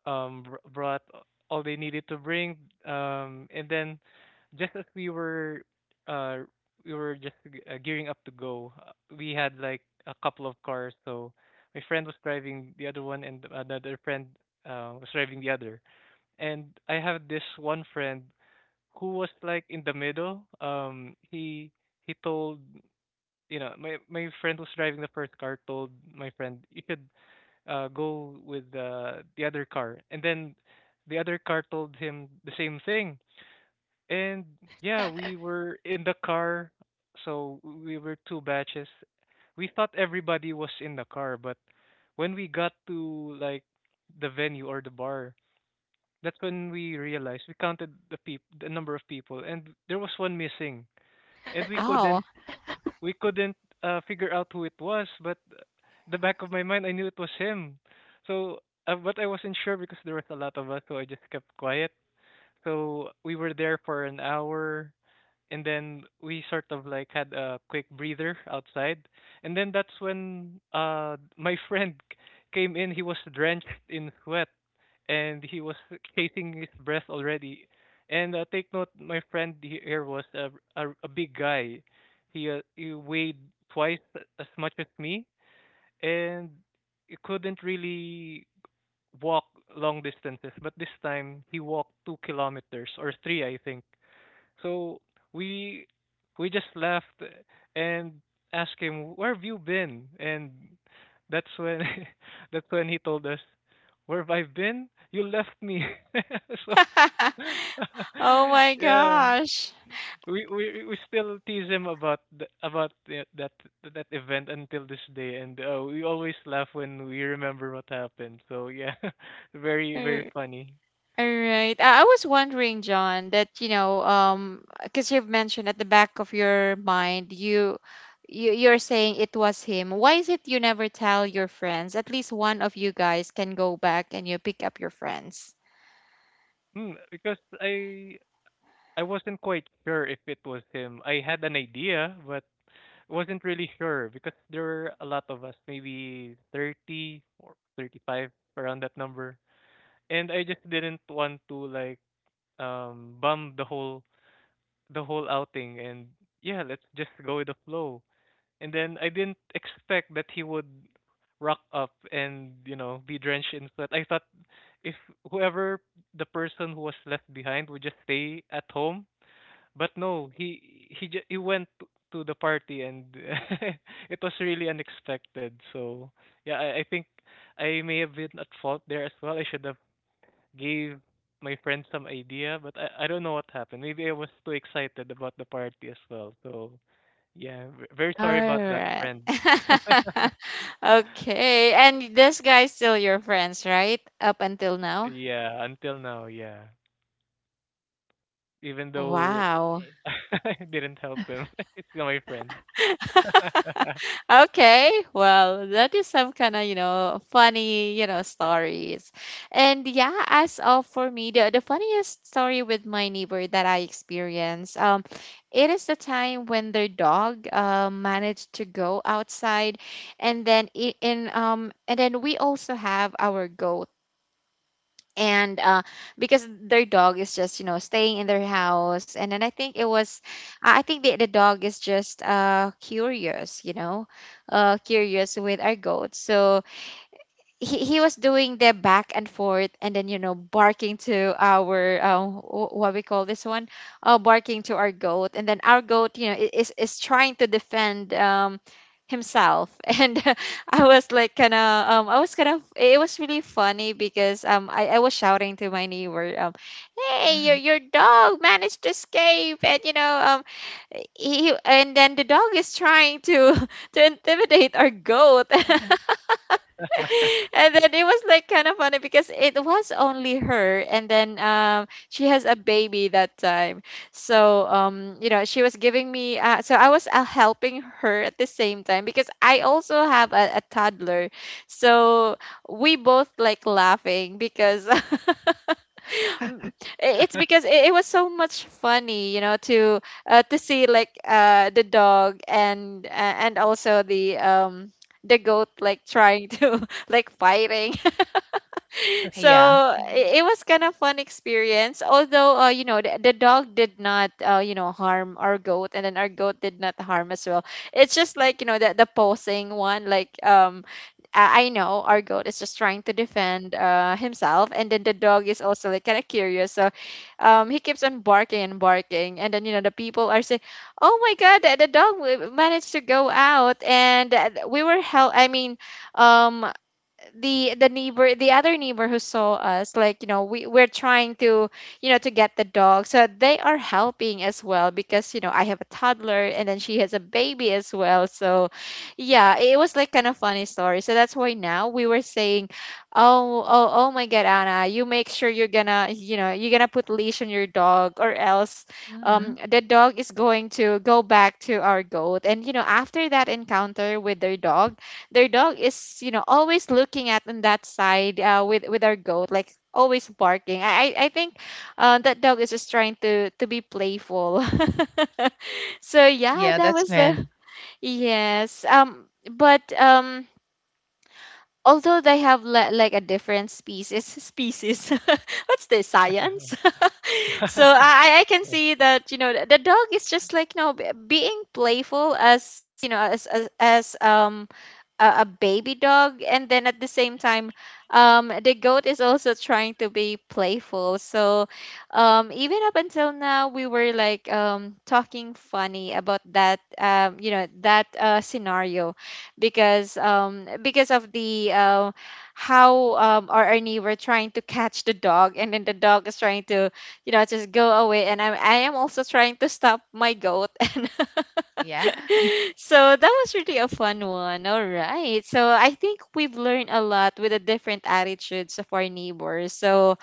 brought all they needed to bring, and then just as we were uh gearing up to go. We had like a couple of cars, so my friend was driving the other one and another friend was driving the other, and I have this one friend who was like in the middle. He told, my friend who's driving the first car told my friend, you should go with the other car. And then the other car told him the same thing. And yeah, we were in the car, so we were two batches. We thought everybody was in the car, but when we got to like the venue or the bar, that's when we realized we counted the number of people, and there was one missing, and we
Oh,
couldn't we couldn't figure out who it was, but the back of my mind, I knew it was him. So, but I wasn't sure because there was a lot of us, so I just kept quiet. So we were there for an hour, and then we sort of had a quick breather outside, and then that's when my came in. He was drenched in sweat and he was chasing his breath already. And take note, my friend, here was a a big guy. He he weighed twice as much as me, and he couldn't really walk long distances, but this time he walked 2 kilometers or 3, I think. So we we just left and asked him, "Where have you been?" And that's when that's when he told us, "Where have I been? You left me." So
oh my
yeah,
gosh.
we still tease him about th- about the- that that event until this day, and we always laugh when we remember what happened. So yeah, very funny.
All right. I was wondering, John, that you know, because you've mentioned at the back of your mind, you, you're saying it was him. Why is it you never tell your friends? At least one of you guys can go back and you pick up your friends.
Mm, because I wasn't quite sure if it was him. I had an idea, but wasn't really sure because there were a lot of us, maybe 30 or 35, around that number. And I just didn't want to bum the whole outing, and yeah, let's just go with the flow. And then I didn't expect that he would rock up and, be drenched in sweat. I thought if whoever the person who was left behind would just stay at home, but no, he went to the party. And it was really unexpected. So yeah, I think I may have been at fault there as well. I should have gave my friend some idea, but I don't know what happened. Maybe I was too excited about the party as well. So yeah, very
All
sorry about that,
right.
friend.
Okay. And this guy's still your friends, right? Up until now?
Yeah, until now, yeah. Even
Oh,
though
wow.
I didn't help him, it's still my friend.
Okay, well, that is some kind of, you know, funny, you know, stories. And yeah, as of for me, the funniest story with my neighbor that I experienced, it is the time when their dog managed to go outside, and then in and then we also have our goat. And because their dog is just, you know, staying in their house, and then I think it was I think the dog is just curious, you know, curious with our goat, so he was doing the back and forth, and then you know barking to our what we call this one, barking to our goat, and then our goat, you know, is trying to defend himself. And I was like kind of um, I was kind of, it was really funny because um, I was shouting to my neighbor um, hey, your dog managed to escape, and you know um, he, and then the dog is trying to to intimidate our goat. And then it was like kind of funny because it was only her, and then um, she has a baby that time. So um, you know, she was giving me so I was helping her at the same time, because I also have a toddler. So we both like laughing because mm. It's because it was so much funny, you know, to see like uh, the dog and also the um, the goat like trying to like fighting.
Yeah.
So it was kind of fun experience. Although you know, the dog did not you know harm our goat, and then our goat did not harm as well. It's just like you know the posing one like I know our goat is just trying to defend himself, and then the dog is also like kind of curious, so he keeps on barking and barking, and then you know the people are saying, "Oh my God, the dog managed to go out," and we were held. I mean, um, the neighbor, the other neighbor who saw us like you know we're trying to you know to get the dog, so they are helping as well because you know I have a toddler and then she has a baby as well. So yeah, it was like kind of funny story, so that's why now we were saying, oh my God, Anna, you make sure you're gonna you know you're gonna put leash on your dog, or else
Mhm.
the dog is going to go back to our goat. And you know, after that encounter with their dog, their dog is you know always looking at on that side, with our goat, like always barking. I think that dog is just trying to be playful. So yeah,
Yeah,
that
that's
was the—
when,
Yes. But Although they have like a different species. What's this, science? So I can see that you know the dog is just like you know being playful as you know as a baby dog, and then at the same time the goat is also trying to be playful. So even up until now we were like talking funny about that you know, that scenario, because of the how our Ernie were trying to catch the dog, and then the dog is trying to you know just go away, and I am also trying to stop my goat. And
yeah.
so that was really a fun one. All right. So I think we've learned a lot with the different attitudes of our neighbors. So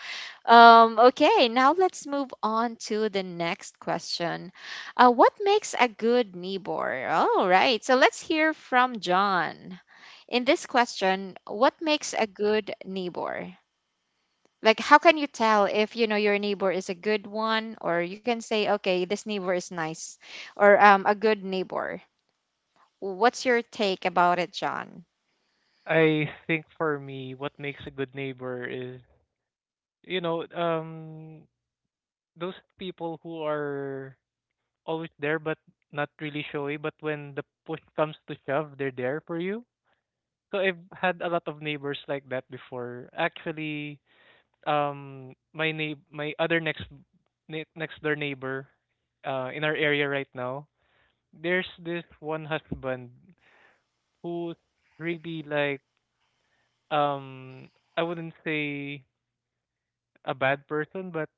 okay, now let's move on to the next question. What makes a good neighbor? All right, so let's hear from John. In this question, what makes a good neighbor? Like, how can you tell if you know your neighbor is a good one, or you can say, okay, this neighbor is nice, or a good neighbor? What's your take about it, John?
I think for me, what makes a good neighbor is, you know, um, those people who are always there but not really showy, but when the push comes to shove, they're there for you. So I've had a lot of neighbors like that before. Actually, my other next door neighbor, in our area right now, there's this one husband who's really like, I wouldn't say a bad person, but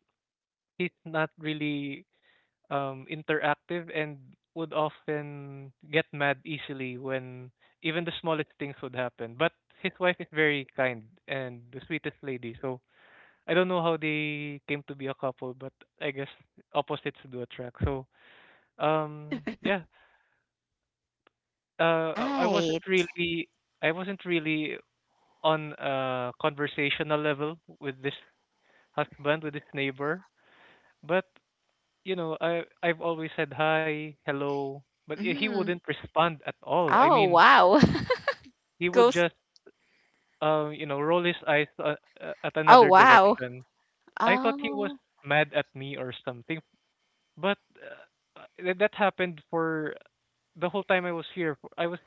he's not really interactive, and would often get mad easily when even the smallest things would happen. But his wife is very kind and the sweetest lady. So I don't know how they came to be a couple, but I guess opposites do attract. So yeah, I wasn't
Right.
really I wasn't really on a conversational level with this husband, with this neighbor. But you know, I've always said hi, hello, but he
Mm.
wouldn't respond at all. I
Oh,
mean,
wow.
he would
Ghost.
just you know, roll his eyes at
Oh,
another
wow.
direction. I thought he was
Oh,
mad at me or something, but that happened for the whole time I was here.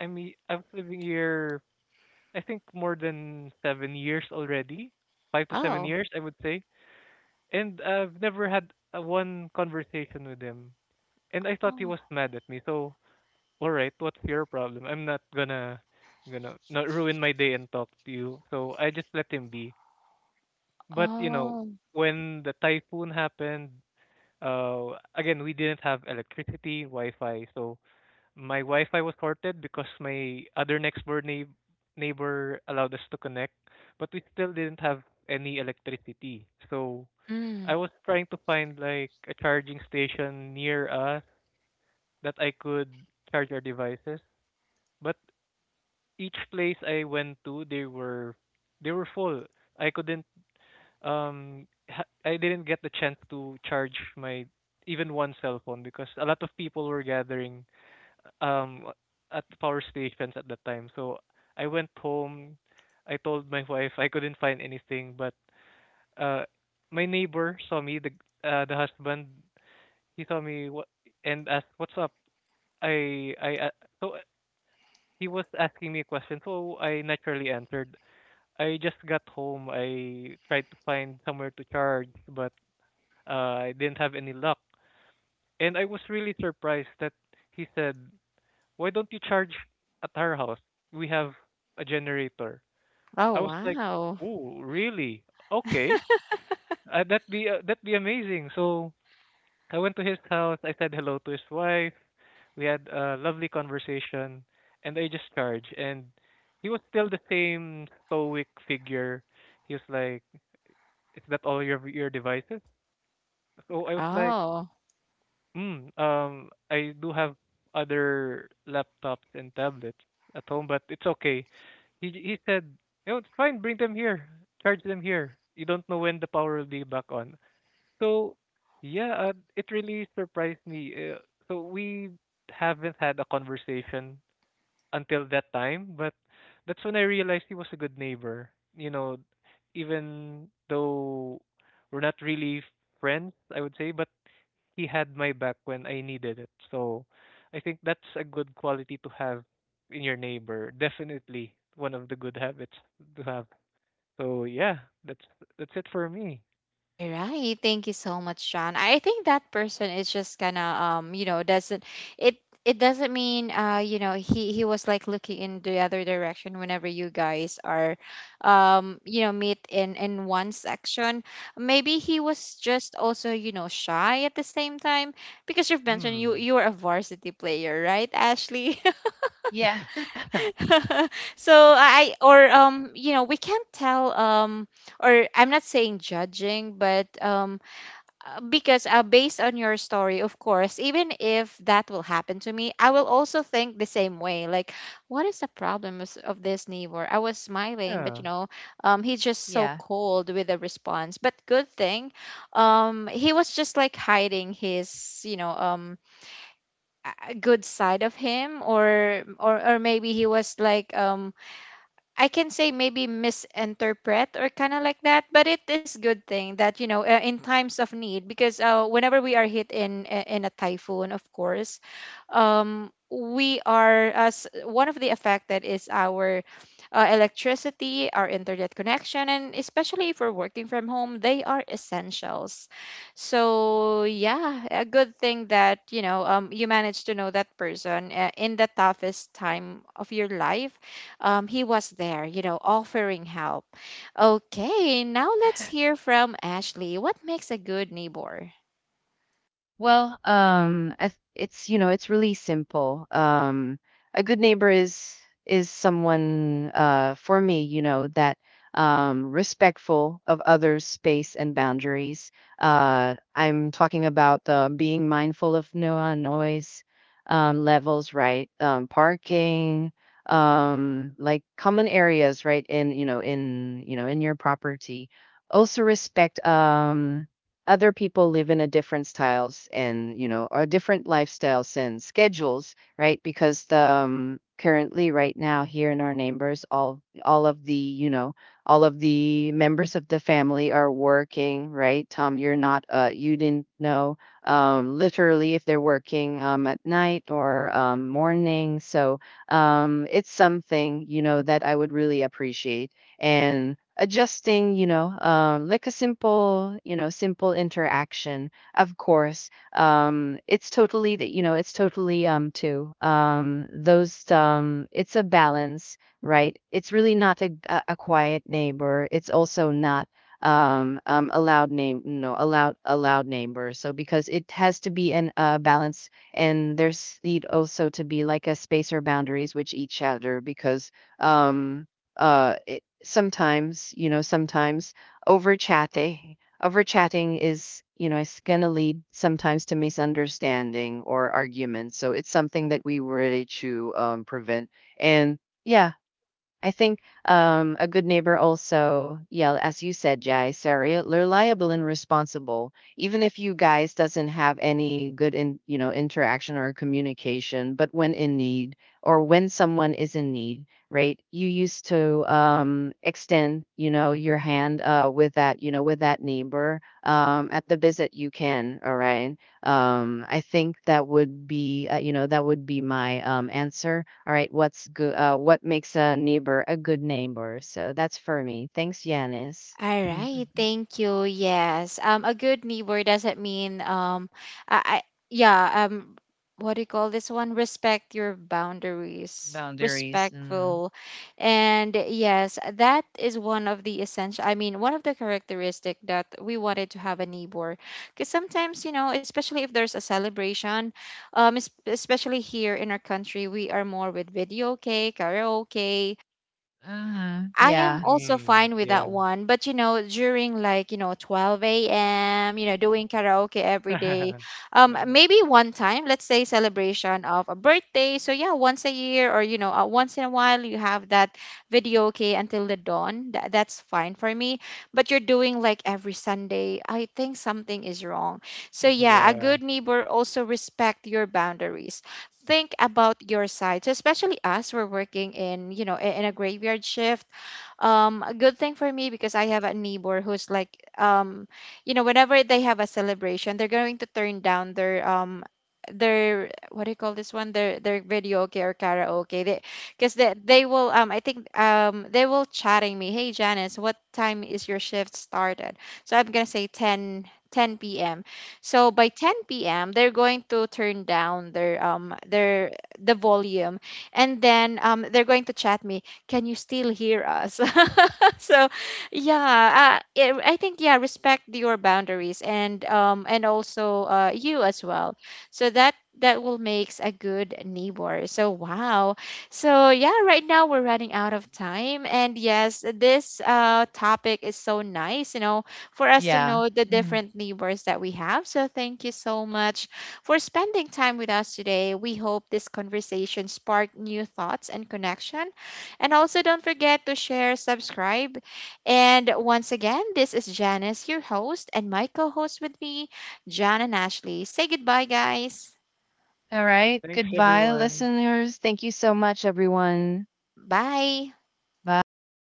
I mean, I was living here, I think, more than 7 years already. 5 to 7
oh.
years, I would say. And I've never had one conversation with him. And I thought he
Oh,
was mad at me. So all right, what's your problem? I'm not gonna not ruin my day and talk to you. So I just let him be. But you know,
oh,
when the typhoon happened, again we didn't have electricity, Wi-Fi. So my Wi-Fi was sorted because my other neighbor allowed us to connect, but we still didn't have any electricity. So
mm.
I was trying to find like a charging station near us that I could charge our devices. But each place I went to, they were full. I couldn't I didn't get the chance to charge my even one cell phone because a lot of people were gathering um at power stations at that time. So I went home. I told my wife I couldn't find anything, but uh my neighbor saw me, the husband, he saw me what and asked what's up. I so he was asking me a question, so I naturally answered I just got home. I tried to find somewhere to charge, but I didn't have any luck. And I was really surprised that he said, "Why don't you charge at our house? We have a generator."
Oh,
I was like,
wow.
"Oh, really? Okay, that'd be amazing." So I went to his house. I said hello to his wife. We had a lovely conversation, and I just charged. And he was still the same stoic figure. He was like, is that all your devices? So I was like,
Oh.
mm, I do have other laptops and tablets at home, but it's okay. He said, you know, it's fine. Bring them here. Charge them here. You don't know when the power will be back on. So yeah, it really surprised me. So we haven't had a conversation until that time, but that's when I realized he was a good neighbor. You know, even though we're not really friends, I would say, but he had my back when I needed it. So I think that's a good quality to have in your neighbor. Definitely one of the good habits to have. So yeah, that's that's it for me.
All right. Thank you so much, John. I think that person is just kind of you know, doesn't— it it doesn't mean you know, he was like looking in the other direction whenever you guys are you know, meet in one section. Maybe he was just also, you know, shy at the same time, because you've mentioned
Mm.
you were a varsity player, right, Ashley?
Yeah.
So I— or you know, we can't tell, or I'm not saying judging, but because based on your story, of course, even if that will happen to me, I will also think the same way, like what is the problem of this neighbor. I was smiling, but
Yeah.
you know, he's just so
Yeah.
cold with the response. But good thing he was just like hiding his you know a good side of him, or maybe he was like I can say maybe misinterpret or kind of like that. But it is good thing that you know, in times of need, because whenever we are hit in, in a typhoon, of course, we are— as one of the affected is our electricity, our internet connection, and especially if we're working from home, they are essentials. So yeah, a good thing that you know, you managed to know that person in the toughest time of your life. He was there, you know, offering help. Okay, now let's hear from Ashley. What makes a good neighbor?
Well, I th- it's you know it's really simple. A good neighbor is someone, for me, that, respectful of others' space and boundaries. I'm talking about being mindful of no noise, levels, right? Parking, like common areas, right? In your property. Also respect. Other people live in a different styles, and you know or different lifestyles and schedules, right? Because the, currently right now here in our neighbors, all of the members of the family are working, right. Tom, you're not, you didn't know, literally, if they're working at night or morning. So it's something, that I would really appreciate. And adjusting, like a simple, simple interaction. Of course, it's totally that, you know, it's totally, to, those, it's a balance, right? It's really not a quiet neighbor. It's also not, a loud name, no, a loud neighbor, so because it has to be an balance, and there's need also to be like a space or boundaries, which each other, because, um uh i- sometimes over chatting is, it's going to lead sometimes to misunderstanding or arguments. So it's something that we really to, prevent. And yeah, I think, a good neighbor also, yeah, as you said, Jai, Sarah, reliable and responsible. Even if you guys doesn't have any good in, interaction or communication, but when in need, or when someone is in need, right? You used to, extend, your hand, with that neighbor, at the visit you can. All right. I think that would be my, answer. All right, what's good? What makes a neighbor a good neighbor? So that's for me. Thanks, Yanis.
All
Mm, mm,
right,
mm.
thank you. Yes. A good neighbor doesn't mean I yeah, what do you call this one? Respect your boundaries.
Boundaries. Mm.
Respectful. And yes, that is one of the essential, I mean, one of the characteristic that we wanted to have a neighbor. Because sometimes, you know, especially if there's a celebration, especially here in our country, we are more with video, okay, karaoke.
Uh-huh.
I am
Yeah.
also
Mm,
fine with that
yeah.
one, but you know, during like, you know, 12 a.m., you know, doing karaoke every day. Maybe one time, let's say celebration of a birthday. So yeah, once a year, or you know, once in a while you have that video okay until the dawn. That's fine for me. But you're doing like every Sunday. I think something is wrong. So yeah, a
Yeah.
good neighbor also respect your boundaries, think about your side. So especially us, we're working in you know in a graveyard shift. A good thing for me, because I have a neighbor who's like um you know, whenever they have a celebration, they're going to turn down their their— what do you call this one, their video okay or karaoke. They— because they will I think they will chatting me, hey Janice, what time is your shift started? So I'm gonna say 10, 10 p.m. So by 10 p.m. they're going to turn down their the volume. And then they're going to chat me, can you still hear us? So yeah, it, I think yeah, respect your boundaries and also you as well. So that, that will makes a good neighbor. So wow, so yeah, right now we're running out of time, and yes, this topic is so nice, you know, for us to
Yeah.
know the
Mm.
different neighbors that we have. So thank you so much for spending time with us today. We hope this conversation sparked new thoughts and connection, and also, don't forget to share, subscribe. And once again, this is Janice, your host, and my co host with me, John and Ashley. Say goodbye, guys.
All right.
Thanks
Goodbye,
everyone.
listeners. Thank you so much, everyone.
Bye.
Bye.